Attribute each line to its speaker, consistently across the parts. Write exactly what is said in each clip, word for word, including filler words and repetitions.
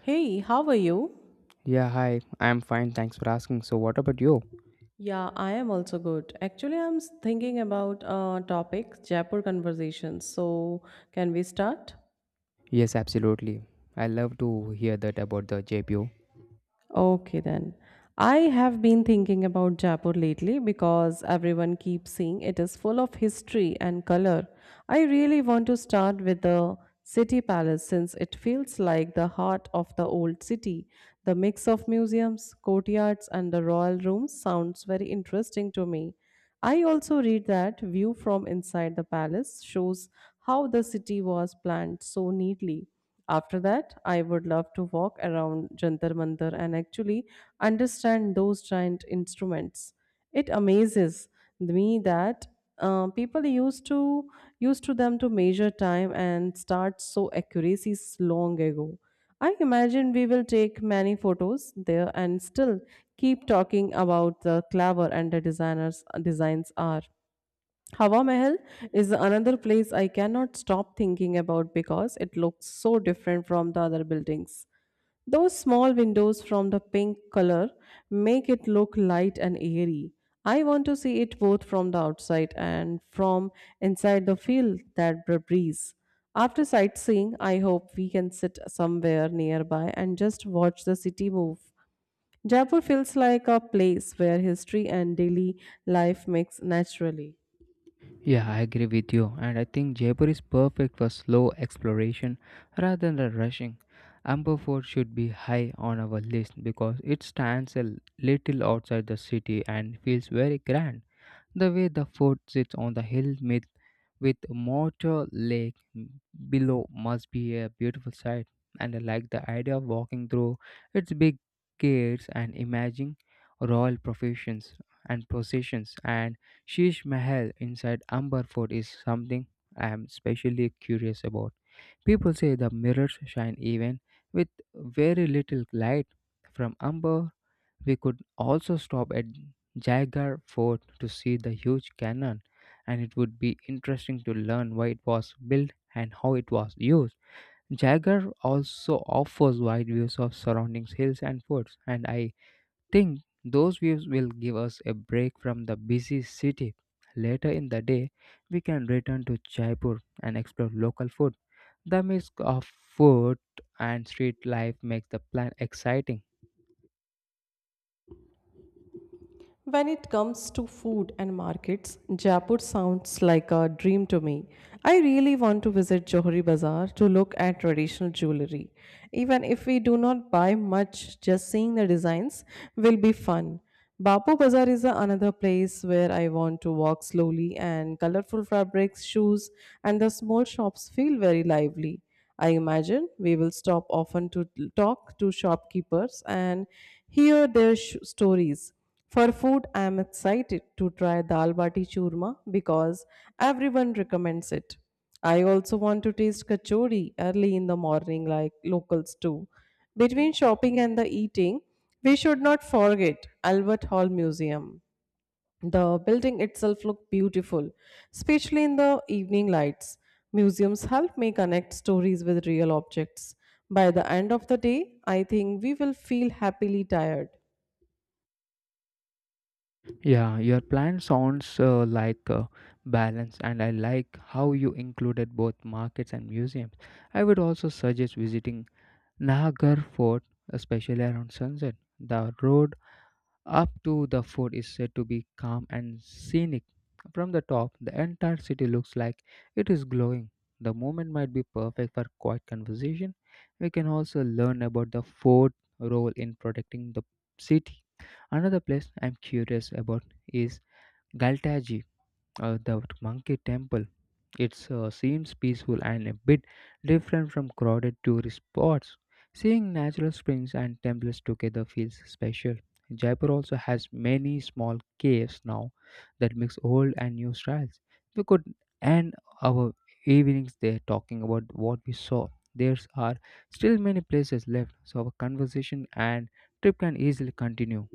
Speaker 1: Hey, how are you?
Speaker 2: Yeah, hi. I'm fine. Thanks for asking. So, what about you?
Speaker 1: Yeah, I am also good. Actually, I'm s- thinking about a topic, Jaipur conversations. So, can we start?
Speaker 2: Yes, absolutely. I love to hear that about the J P O.
Speaker 1: Okay, then. I have been thinking about Jaipur lately because everyone keeps saying it is full of history and color. I really want to start with the city palace since it feels like the heart of the old city. The mix of museums, courtyards, and the royal rooms sounds very interesting to me. I also read that view from inside the palace shows how the city was planned so neatly. After that, I would love to walk around Jantar Mantar and actually understand those giant instruments. It amazes me that uh, people used to used to them to measure time and start so accuracies long ago. I imagine we will take many photos there and still keep talking about the clever and the designers designs are. Hawa Mahal is another place I cannot stop thinking about because it looks so different from the other buildings. Those small windows from the pink color make it look light and airy. I want to see it both from the outside and from inside the field that br- breeze. After sightseeing, I hope we can sit somewhere nearby and just watch the city move. Jaipur feels like a place where history and daily life mix naturally.
Speaker 2: Yeah, I agree with you. And I think Jaipur is perfect for slow exploration rather than the rushing. Amber Fort should be high on our list because it stands a little outside the city and feels very grand. The way the fort sits on the hill makes with Motor Lake below must be a beautiful sight. And I like the idea of walking through its big gates and imagining royal professions and processions. And Shish Mahal inside Amber Fort is something I am especially curious about. People say the mirrors shine even with very little light from Amber we could also stop at Jagar Fort to see the huge cannon, and it would be interesting to learn why it was built and how it was used. Jagar also offers wide views of surrounding hills and forts, and I think those views will give us a break from the busy city. Later in the day, we can return to Jaipur and explore local food, the mix of food and street life makes the plan exciting.
Speaker 1: When it comes to food and markets, Jaipur sounds like a dream to me. I really want to visit Johari Bazaar to look at traditional jewelry. Even if we do not buy much, just seeing the designs will be fun. Bapu Bazaar is another place where I want to walk slowly, and colorful fabrics, shoes, and the small shops feel very lively. I imagine we will stop often to talk to shopkeepers and hear their sh- stories. For food, I am excited to try dal bati churma because everyone recommends it. I also want to taste kachori early in the morning like locals do. Between shopping and the eating, we should not forget Albert Hall Museum. The building itself looks beautiful, especially in the evening lights. Museums help me connect stories with real objects. By the end of the day, I think we will feel happily tired.
Speaker 2: Yeah, your plan sounds uh, like uh, balance, and I like how you included both markets and museums. I would also suggest visiting Nagar Fort, especially around sunset. The road up to the fort is said to be calm and scenic. From the top, the entire city looks like it is glowing. The moment might be perfect for quiet conversation. We can also learn about the fort role in protecting the city. Another place I'm curious about is Galtaji, uh, the monkey temple. It uh, seems peaceful and a bit different from crowded tourist spots. Seeing natural springs and temples together feels special. Jaipur also has many small caves now that mix old and new styles. We could end our evenings there talking about what we saw. There are still many places left, so our conversation and trip can easily continue.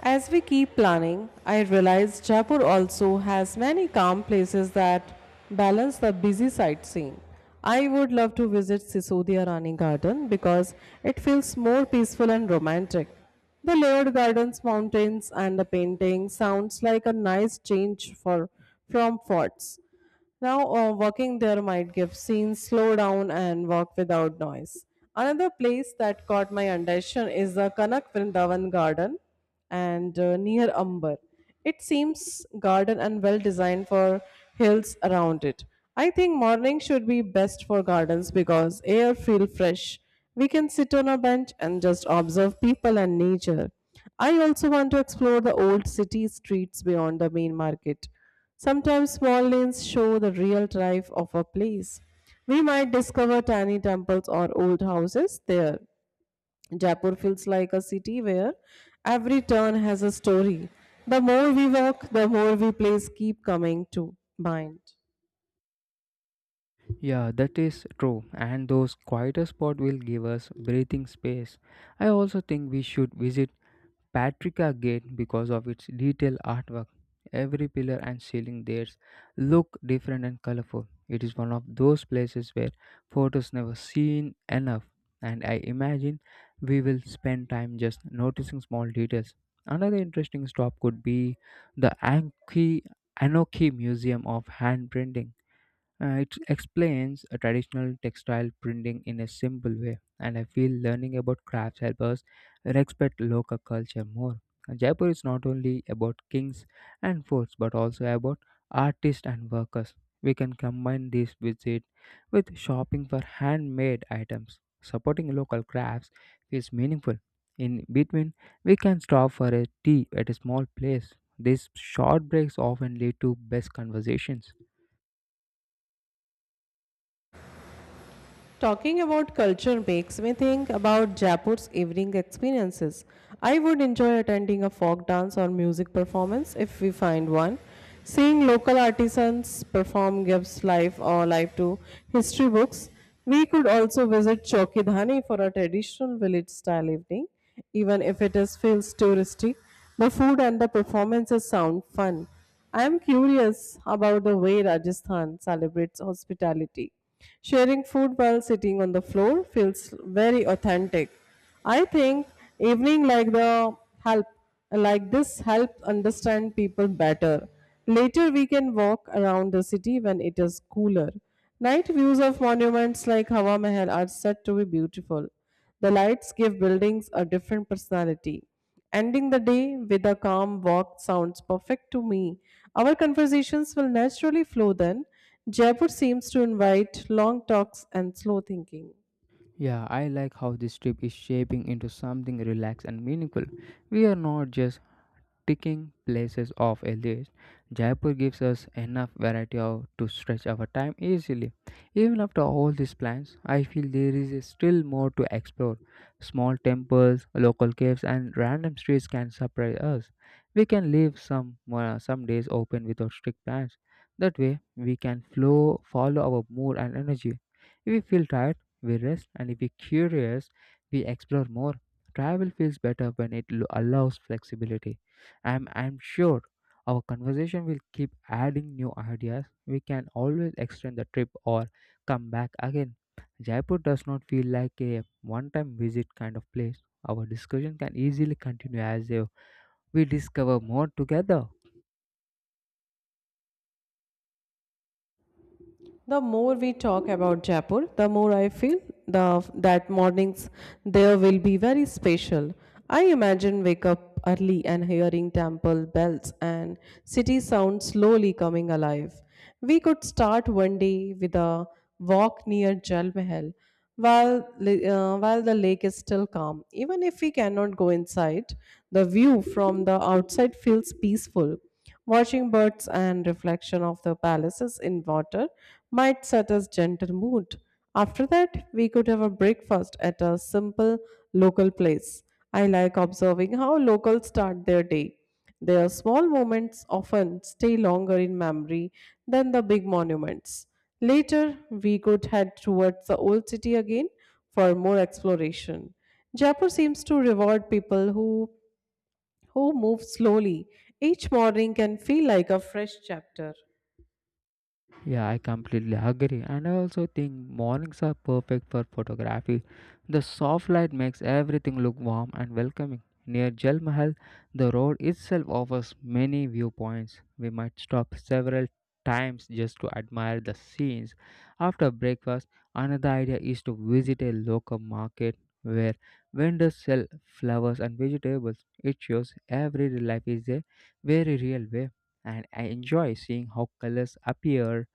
Speaker 1: As we keep planning, I realize Jaipur also has many calm places that balance the busy sightseeing. I would love to visit Sisodia Rani Garden because it feels more peaceful and romantic. The layered gardens, mountains, and the painting sounds like a nice change for from forts. Now, uh, walking there might give scenes slow down and walk without noise. Another place that caught my attention is the Kanak Vrindavan Garden and uh, near Amber. It seems garden and well designed for hills around it. I think morning should be best for gardens because air feel fresh. We can sit on a bench and just observe people and nature. I also want to explore the old city streets beyond the main market. Sometimes small lanes show the real drive of a place. We might discover tiny temples or old houses there. Jaipur feels like a city where every turn has a story. The more we walk, the more we place keep coming to mind.
Speaker 2: Yeah, that is true, and those quieter spots will give us breathing space. I also think we should visit Patrika Gate because of its detailed artwork. Every pillar and ceiling there look different and colorful. It is one of those places where photos never seen enough, and I imagine we will spend time just noticing small details. Another interesting stop could be the Anki Anoki Museum of Hand Printing. Uh, it explains a traditional textile printing in a simple way, and I feel learning about crafts helps us respect local culture more. Uh, Jaipur is not only about kings and forts, but also about artists and workers. We can combine this visit with shopping for handmade items. Supporting local crafts is meaningful. In between, we can stop for a tea at a small place. These short breaks often lead to best conversations.
Speaker 1: Talking about culture makes me think about Jaipur's evening experiences. I would enjoy attending a folk dance or music performance if we find one. Seeing local artisans perform gives life or life to history books. We could also visit Chowkidhani for a traditional village style evening, even if it is feels touristy. The food and the performances sound fun. I am curious about the way Rajasthan celebrates hospitality. Sharing food while sitting on the floor feels very authentic. I think evening like the help like this helps understand people better. Later we can walk around the city when it is cooler. Night views of monuments like Hawa Mahal are said to be beautiful. The lights give buildings a different personality. Ending the day with a calm walk sounds perfect to me. Our conversations will naturally flow then. Jaipur seems to invite long talks and slow thinking.
Speaker 2: Yeah, I like how this trip is shaping into something relaxed and meaningful. We are not just ticking places off a list, Jaipur gives us enough variety of, to stretch our time easily. Even after all these plans, I feel there is still more to explore. Small temples, local caves, and random streets can surprise us. We can leave some uh, some days open without strict plans. That way, we can flow, follow our mood and energy. If we feel tired, we rest, and if we're curious, we explore more. Travel feels better when it lo- allows flexibility. I'm I'm sure our conversation will keep adding new ideas. We can always extend the trip or come back again. Jaipur does not feel like a one-time visit kind of place. Our discussion can easily continue as uh, we discover more together.
Speaker 1: The more we talk about Jaipur, the more I feel the, that mornings there will be very special. I imagine wake up early and hearing temple bells and city sounds slowly coming alive. We could start one day with a walk near Jal Mahal while, li- uh, while the lake is still calm. Even if we cannot go inside, the view from the outside feels peaceful. Watching birds and reflection of the palaces in water might set us gentle mood. After that, we could have a breakfast at a simple local place. I like observing how locals start their day. Their small moments often stay longer in memory than the big monuments. Later, we could head towards the old city again for more exploration. Jaipur seems to reward people who who moved slowly. Each morning can feel like a fresh chapter.
Speaker 2: Yeah, I completely agree. And I also think mornings are perfect for photography. The soft light makes everything look warm and welcoming. Near Jal Mahal, the road itself offers many viewpoints. We might stop several times just to admire the scenes. After breakfast, another idea is to visit a local market where vendors sell flowers and vegetables. It shows everyday life is a very real way, and I enjoy seeing how colors appear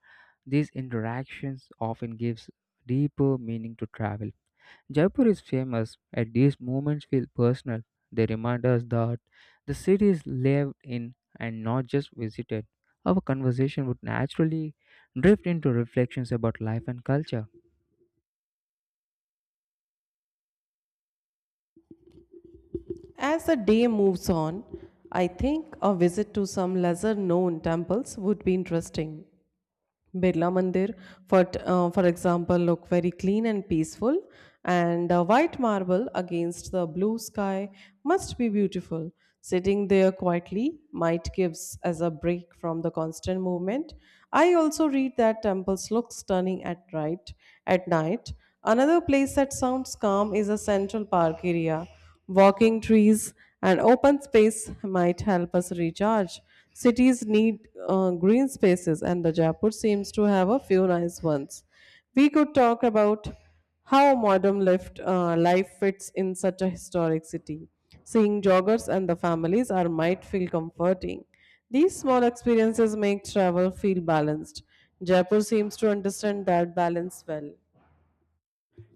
Speaker 2: these interactions often gives deeper meaning to travel. Jaipur is famous and these moments feel personal. They remind us that the city is lived in and not just visited. Our conversation would naturally drift into reflections about life and culture.
Speaker 1: As the day moves on, I think a visit to some lesser known temples would be interesting. Birla Mandir, for, t- uh, for example, look very clean and peaceful, and uh, white marble against the blue sky must be beautiful. Sitting there quietly might gives us a break from the constant movement. I also read that temples look stunning at right. At night, another place that sounds calm is a Central Park area. Walking trees and open space might help us recharge. Cities need uh, green spaces, and the Jaipur seems to have a few nice ones. We could talk about how modern lift, uh, life fits in such a historic city. Seeing joggers and the families are might feel comforting. These small experiences make travel feel balanced. Jaipur seems to understand that balance well.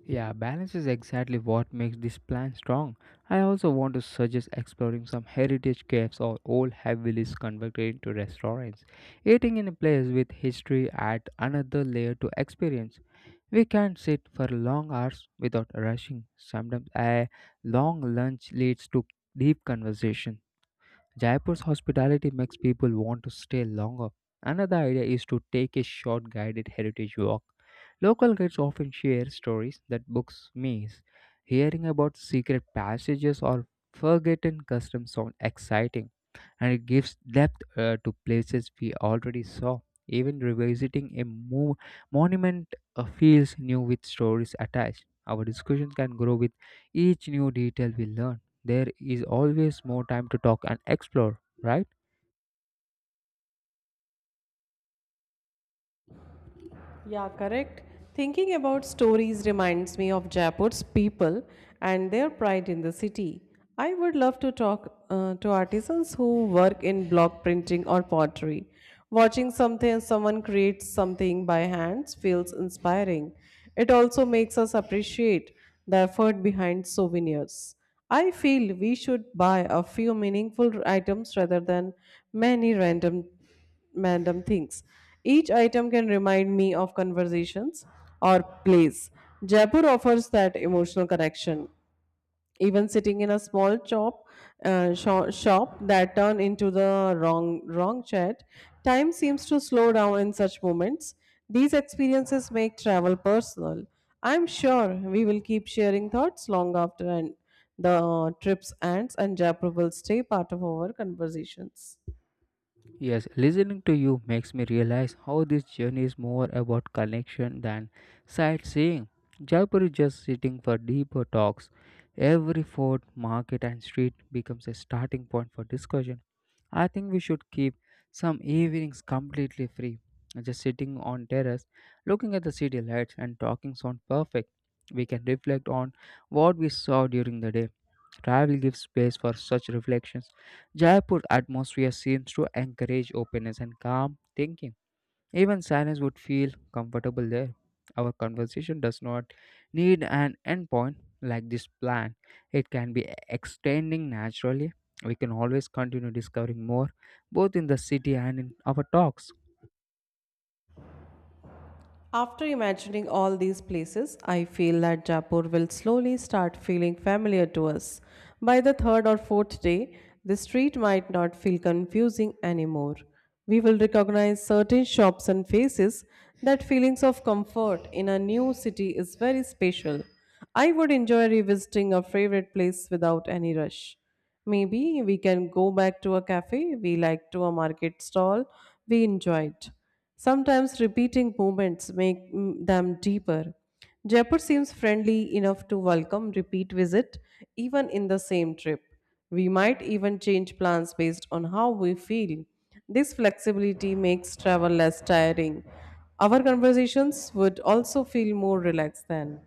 Speaker 2: Yeah, balance is exactly what makes this plan strong. I also want to suggest exploring some heritage caves or old have converted into restaurants. Eating in a place with history adds another layer to experience. We can sit for long hours without rushing. Sometimes a long lunch leads to deep conversation. Jaipur's hospitality makes people want to stay longer. Another idea is to take a short guided heritage walk. Local guides often share stories that books miss. Hearing about secret passages or forgotten customs sound exciting, and it gives depth uh, to places we already saw. Even revisiting a mo- monument uh, feels new with stories attached. Our discussion can grow with each new detail we learn there is always more time to talk and explore, right?
Speaker 1: Yeah, correct. Thinking about stories reminds me of Jaipur's people and their pride in the city. I would love to talk uh, to artisans who work in block printing or pottery. Watching something someone creates something by hands feels inspiring. It also makes us appreciate the effort behind souvenirs. I feel we should buy a few meaningful items rather than many random random things. Each item can remind me of conversations or plays. Jaipur offers that emotional connection. Even sitting in a small shop, uh, sho- shop that turned into the wrong wrong chat, time seems to slow down in such moments. These experiences make travel personal. I'm sure we will keep sharing thoughts long after and the trips ends, and Jaipur will stay part of our conversations.
Speaker 2: Yes, listening to you makes me realize how this journey is more about connection than sightseeing. Jaipur is just sitting for deeper talks. Every fort, market, and street becomes a starting point for discussion. I think we should keep some evenings completely free, just sitting on terrace, looking at the city lights and talking sound perfect. We can reflect on what we saw during the day. Travel gives space for such reflections Jaipur atmosphere seems to encourage openness and calm thinking. Even silence would feel comfortable there. Our conversation does not need an endpoint like this plan. It can be extending naturally. We can always continue discovering more, both in the city and in our talks.
Speaker 1: After imagining all these places, I feel that Jaipur will slowly start feeling familiar to us. By the third or fourth day, the street might not feel confusing anymore. We will recognize certain shops and faces. That feelings of comfort in a new city is very special. I would enjoy revisiting a favorite place without any rush. Maybe we can go back to a cafe we liked to a market stall we enjoyed. Sometimes repeating movements make mm, them deeper. Jaipur seems friendly enough to welcome repeat visit even in the same trip. We might even change plans based on how we feel. This flexibility makes travel less tiring. Our conversations would also feel more relaxed then.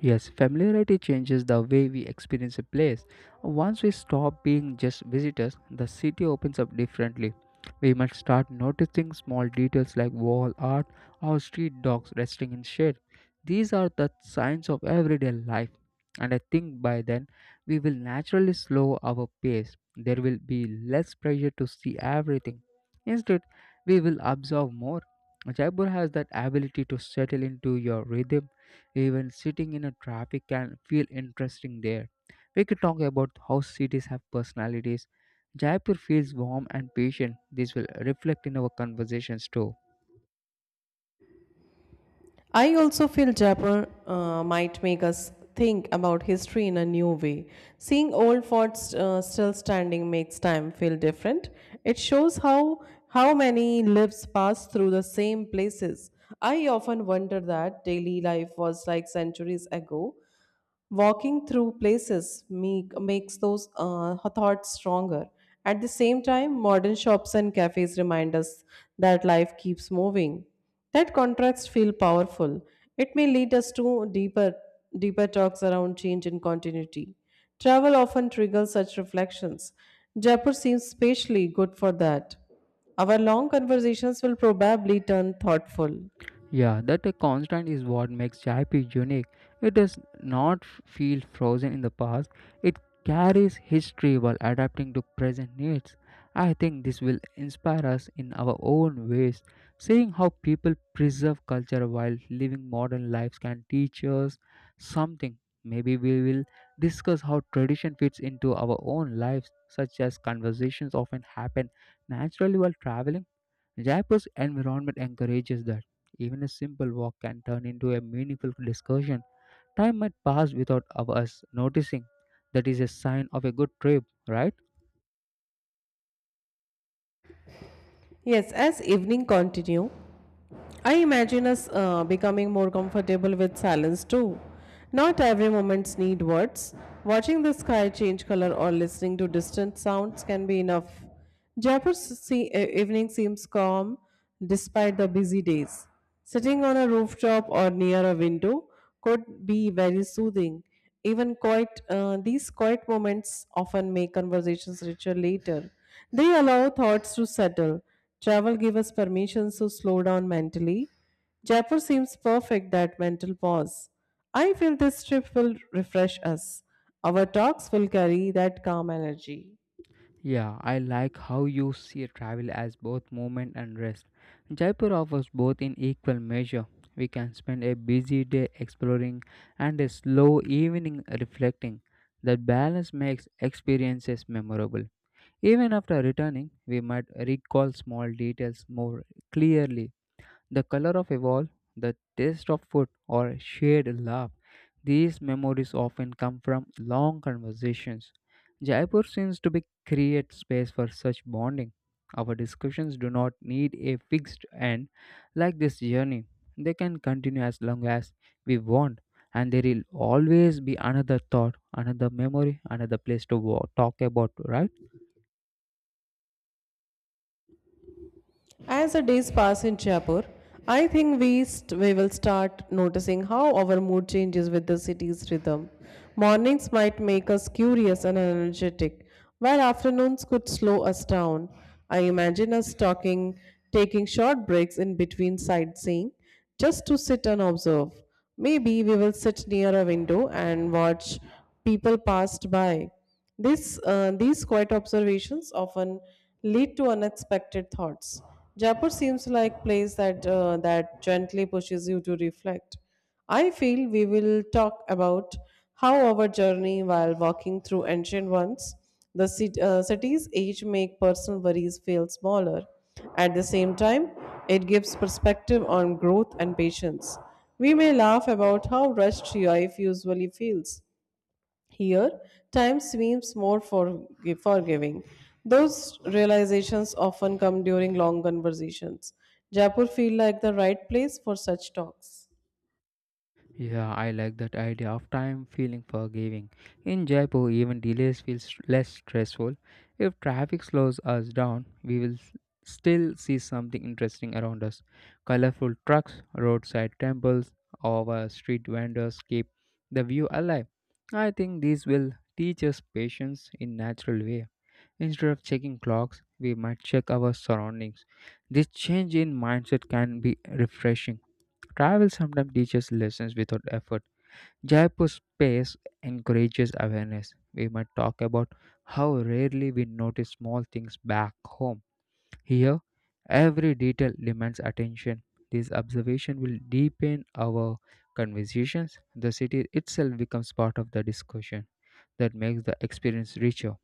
Speaker 2: Yes, familiarity changes the way we experience a place. Once we stop being just visitors, the city opens up differently. We must start noticing small details like wall art or street dogs resting in shade. These are the signs of everyday life, and I think by then we will naturally slow our pace. There will be less pressure to see everything. Instead, we will observe more. Jaipur has that ability to settle into your rhythm even sitting in a traffic can feel interesting there. We could talk about how cities have personalities. Jaipur feels warm and patient. This will reflect in our conversations too.
Speaker 1: I also feel Jaipur uh, might make us think about history in a new way. Seeing old forts uh, still standing makes time feel different. It shows how how many lives pass through the same places. I often wonder that daily life was like centuries ago. Walking through places make, makes those uh, thoughts stronger. At the same time, modern shops and cafes remind us that life keeps moving. That contrast feel powerful. It may lead us to deeper, deeper talks around change and continuity. Travel often triggers such reflections. Jaipur seems especially good for that. Our long conversations will probably turn thoughtful.
Speaker 2: Yeah, that a constant is what makes Jaipur unique. It does not feel frozen in the past. It carries history while adapting to present needs. I think this will inspire us in our own ways. Seeing how people preserve culture while living modern lives can teach us something. Maybe we will discuss how tradition fits into our own lives, such as conversations often happen naturally while traveling. Jaipur's environment encourages that. Even a simple walk can turn into a meaningful discussion. Time might pass without of us noticing. That is a sign of a good trip, right?
Speaker 1: Yes, as evening continue, I imagine us uh, becoming more comfortable with silence too. Not every moments need words. Watching the sky change color or listening to distant sounds can be enough. Jaipur's se- evening seems calm despite the busy days. Sitting on a rooftop or near a window could be very soothing. Even quiet, uh, these quiet moments often make conversations richer later. They allow thoughts to settle. Travel gives us permission to slow down mentally. Jaipur seems perfect that mental pause. I feel this trip will refresh us. Our talks will carry that calm energy.
Speaker 2: Yeah, I like how you see travel as both movement and rest. Jaipur offers both in equal measure. We can spend a busy day exploring and a slow evening reflecting. That balance makes experiences memorable. Even after returning, we might recall small details more clearly the color of a wall, the taste of food, or shared laugh. These memories often come from long conversations. Jaipur seems to be create space for such bonding. Our discussions do not need a fixed end like this journey. They can continue as long as we want, and there will always be another thought, another memory, another place to wa- talk about, right?
Speaker 1: As the days pass in Jaipur, I think we, st- we will start noticing how our mood changes with the city's rhythm. Mornings might make us curious and energetic, while afternoons could slow us down. I imagine us talking, taking short breaks in between sightseeing just to sit and observe. Maybe we will sit near a window and watch people passed by this, uh, these quiet observations often lead to unexpected thoughts. Jaipur seems like place that uh, that gently pushes you to reflect. I feel we will talk about how our journey while walking through ancient ones, the cit- uh, city's age make personal worries feel smaller. At the same time, it gives perspective on growth and patience. We may laugh about how rushed life usually feels, here, time seems more forgi- forgiving. Those realizations often come during long conversations. Jaipur feel like the right place for such talks.
Speaker 2: Yeah, I like that idea of time feeling forgiving. In Jaipur, even delays feel s- less stressful. If traffic slows us down, we will s- still see something interesting around us. Colorful trucks, roadside temples, our street vendors keep the view alive. I think these will teach us patience in natural way. Instead of checking clocks, we might check our surroundings. This change in mindset can be refreshing. Travel sometimes teaches lessons without effort. Jaipur space encourages awareness. We might talk about how rarely we notice small things back home. Here, every detail demands attention. This observation will deepen our conversations. The city itself becomes part of the discussion that makes the experience richer.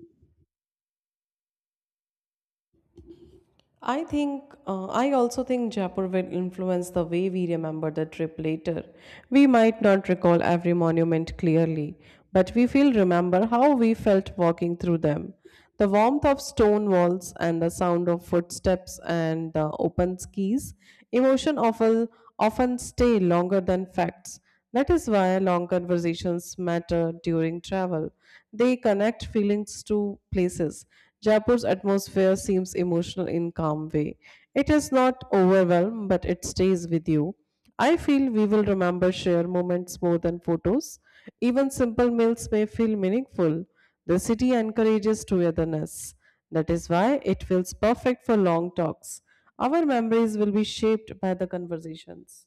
Speaker 1: I think, uh, I also think Jaipur will influence the way we remember the trip later. We might not recall every monument clearly, but we will remember how we felt walking through them. The warmth of stone walls and the sound of footsteps and the open skis, emotion often, often stay longer than facts. That is why long conversations matter during travel. They connect feelings to places. Jaipur's atmosphere seems emotional in calm way. It is not overwhelmed, but it stays with you. I feel we will remember shared moments more than photos. Even simple meals may feel meaningful. The city encourages togetherness. That is why it feels perfect for long talks. Our memories will be shaped by the conversations.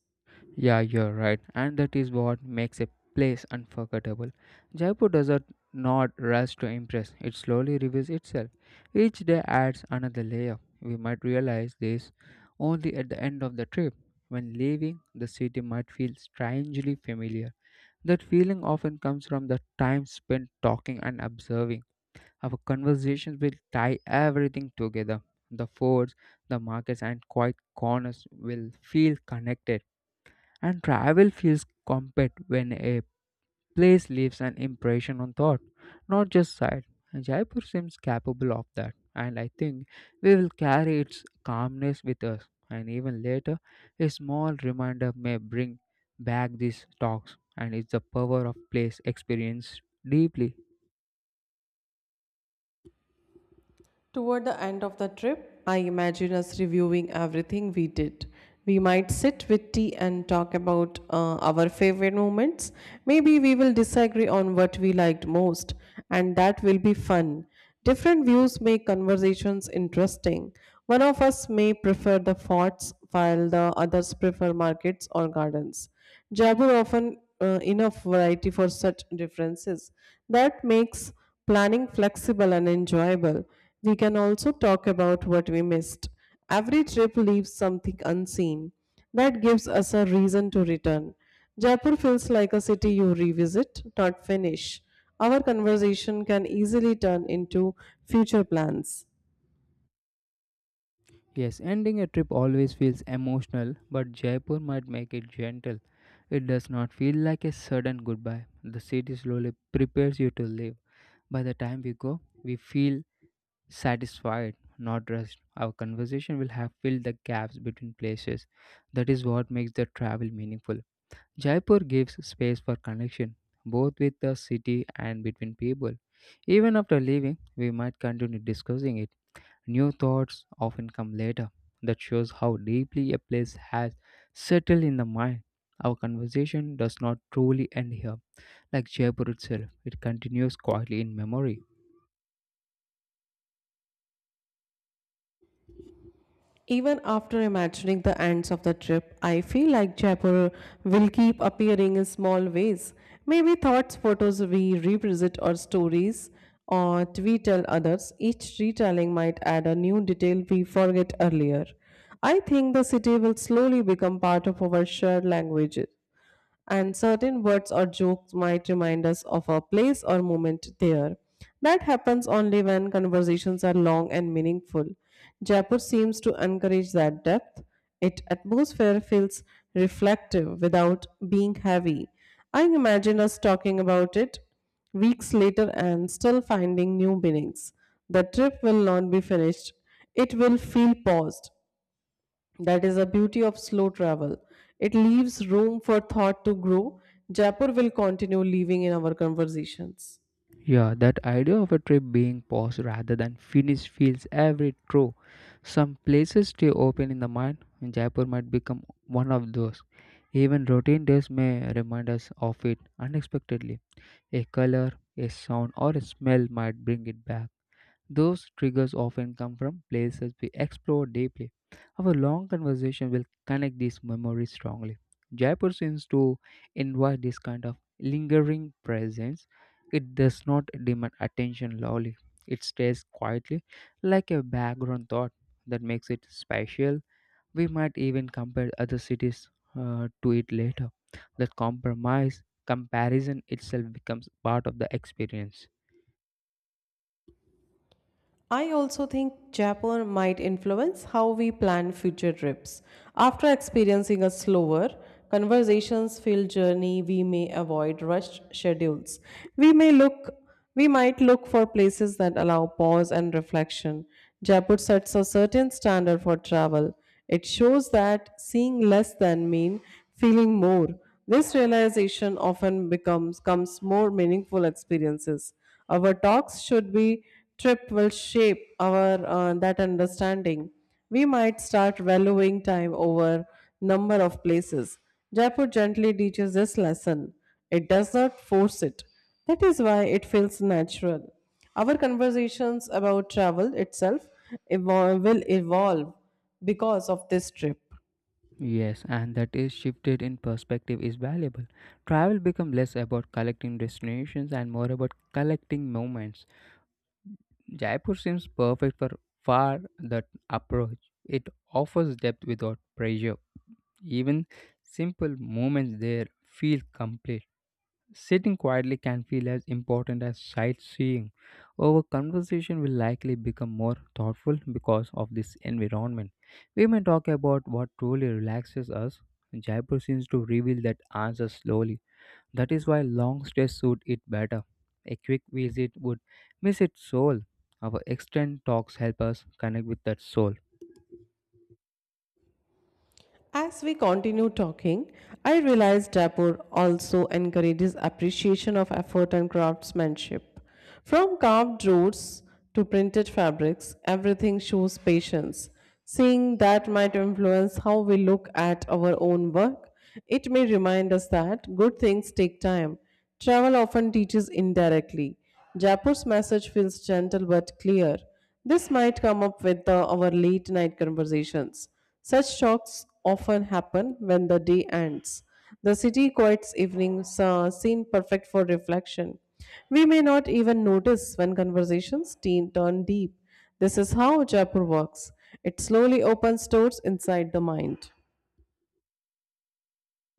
Speaker 2: Yeah, you're right, and that is what makes a place unforgettable. Jaipur does not not rush to impress, it slowly reveals itself. Each day adds another layer. We might realize this only at the end of the trip. When leaving, the city might feel strangely familiar. That feeling often comes from the time spent talking and observing. Our conversations will tie everything together. The forts, the markets, and quiet corners will feel connected. And travel feels complete when a place leaves an impression on thought, not just sight. And Jaipur seems capable of that, and I think we will carry its calmness with us. And even later, a small reminder may bring back these talks, and it's the power of place experienced deeply.
Speaker 1: Toward the end of the trip, I imagine us reviewing everything we did. We might sit with tea and talk about uh, our favorite moments. Maybe we will disagree on what we liked most, and that will be fun. Different views make conversations interesting. One of us may prefer the forts, while the others prefer markets or gardens. Jaipur often uh, enough variety for such differences. That makes planning flexible and enjoyable, we can also talk about what we missed. Every trip leaves something unseen. That gives us a reason to return. Jaipur feels like a city you revisit, not finish. Our conversation can easily turn into future plans.
Speaker 2: Yes, ending a trip always feels emotional, but Jaipur might make it gentle. It does not feel like a sudden goodbye. The city slowly prepares you to leave. By the time we go, we feel satisfied, not rushed. Our conversation will have filled the gaps between places. That is what makes the travel meaningful. Jaipur gives space for connection, both with the city and between people. Even after leaving, we might continue discussing it. New thoughts often come later. That shows how deeply a place has settled in the mind. Our conversation does not truly end here, like Jaipur itself, it continues quietly in memory.
Speaker 1: Even after imagining the ends of the trip, I feel like Jaipur will keep appearing in small ways. Maybe thoughts, photos we revisit, or stories or we tell others. Each retelling might add a new detail we forget earlier. I think the city will slowly become part of our shared language and certain words or jokes might remind us of a place or moment there. That happens only when conversations are long and meaningful. Jaipur seems to encourage that depth. Its atmosphere feels reflective without being heavy. I imagine us talking about it weeks later and still finding new meanings. The trip will not be finished. It will feel paused. That is the beauty of slow travel. It leaves room for thought to grow. Jaipur will continue living in our conversations.
Speaker 2: Yeah, that idea of a trip being paused rather than finished feels every true. Some places stay open in the mind, and Jaipur might become one of those. Even routine days may remind us of it unexpectedly. A color, a sound, or a smell might bring it back. Those triggers often come from places we explore deeply. Our long conversation will connect these memories strongly. Jaipur seems to invite this kind of lingering presence. It does not demand attention loudly, it stays quietly, like a background thought that makes it special. We might even compare other cities uh, to it later. That compromise, comparison itself becomes part of the experience.
Speaker 1: I also think Japan might influence how we plan future trips. After experiencing a slower, conversations filled journey, we may avoid rushed schedules. We may look we might look for places that allow pause and reflection. Japan sets a certain standard for travel. It shows that seeing less than mean feeling more. This realization often becomes comes more meaningful experiences. Our talks should be trip will shape our uh, that understanding. We might start valuing time over number of places. Jaipur gently teaches this lesson. It does not force it. That is why it feels natural. Our conversations about travel itself evol- will evolve because of this trip.
Speaker 2: Yes, and that is shifted in perspective is valuable. Travel become less about collecting destinations and more about collecting moments. Jaipur seems perfect for far that approach. It offers depth without pressure. Even simple moments there feel complete. Sitting quietly can feel as important as sightseeing. Our conversation will likely become more thoughtful because of this environment. We may talk about what truly relaxes us. Jaipur seems to reveal that answer slowly. That is why long stays suit it better. A quick visit would miss its soul. Our extended talks help us connect with that soul.
Speaker 1: As we continue talking, I realized Dapur also encourages appreciation of effort and craftsmanship. From carved roots to printed fabrics, everything shows patience. Seeing that might influence how we look at our own work, it may remind us that good things take time. Travel often teaches indirectly. Jaipur's message feels gentle but clear. This might come up with uh, our late night conversations. Such talks often happen when the day ends. The city quiets evenings uh, seem perfect for reflection. We may not even notice when conversations teen turn deep. This is how Jaipur works. It slowly opens doors inside the mind.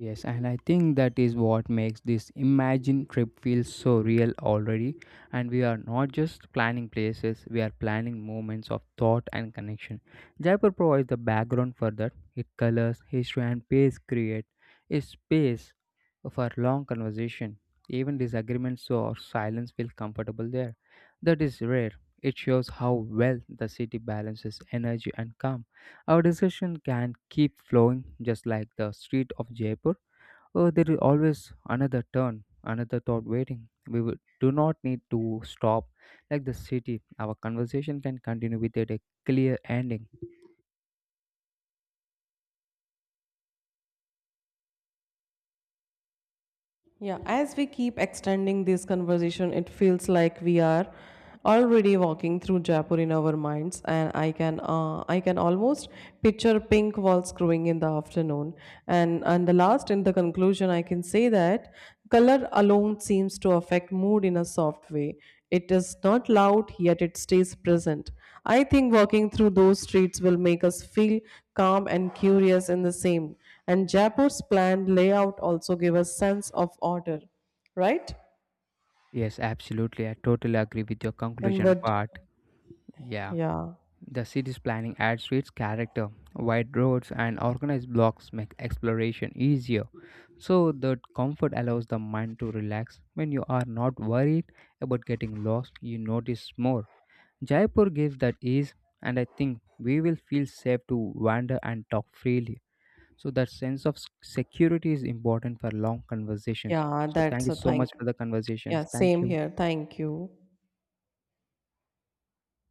Speaker 2: Yes, and I think that is what makes this imagine trip feel so real already. And we are not just planning places, we are planning moments of thought and connection. Jaipur provides the background for that. It colors, history, and pace create a space for long conversation. Even disagreements or silence feel comfortable there. That is rare. It shows how well the city balances energy and calm. Our discussion can keep flowing just like the street of Jaipur. Oh, there is always another turn, another thought waiting. We would, do not need to stop. Like the city, our conversation can continue without a clear ending.
Speaker 1: Yeah, as we keep extending this conversation, it feels like we are already walking through Jaipur in our minds, and I can uh, I can almost picture pink walls growing in the afternoon. And and the last in the conclusion, I can say that color alone seems to affect mood in a soft way. It is not loud, yet it stays present. I think walking through those streets will make us feel calm and curious in the same. And Jaipur's planned layout also gave a sense of order, right?
Speaker 2: Yes, absolutely. I totally agree with your
Speaker 1: And
Speaker 2: conclusion
Speaker 1: what,
Speaker 2: part. Yeah.
Speaker 1: yeah,
Speaker 2: The city's planning adds to its character. Wide roads and organized blocks make exploration easier. So, the comfort allows the mind to relax. When you are not worried about getting lost, you notice more. Jaipur gives that ease, and I think we will feel safe to wander and talk freely. So, that sense of s- security is important for long conversations.
Speaker 1: yeah,
Speaker 2: So, thank
Speaker 1: that's
Speaker 2: you
Speaker 1: a
Speaker 2: so
Speaker 1: thank.
Speaker 2: much for the
Speaker 1: Yeah,
Speaker 2: conversations. Thank
Speaker 1: same
Speaker 2: you.
Speaker 1: here. Thank you.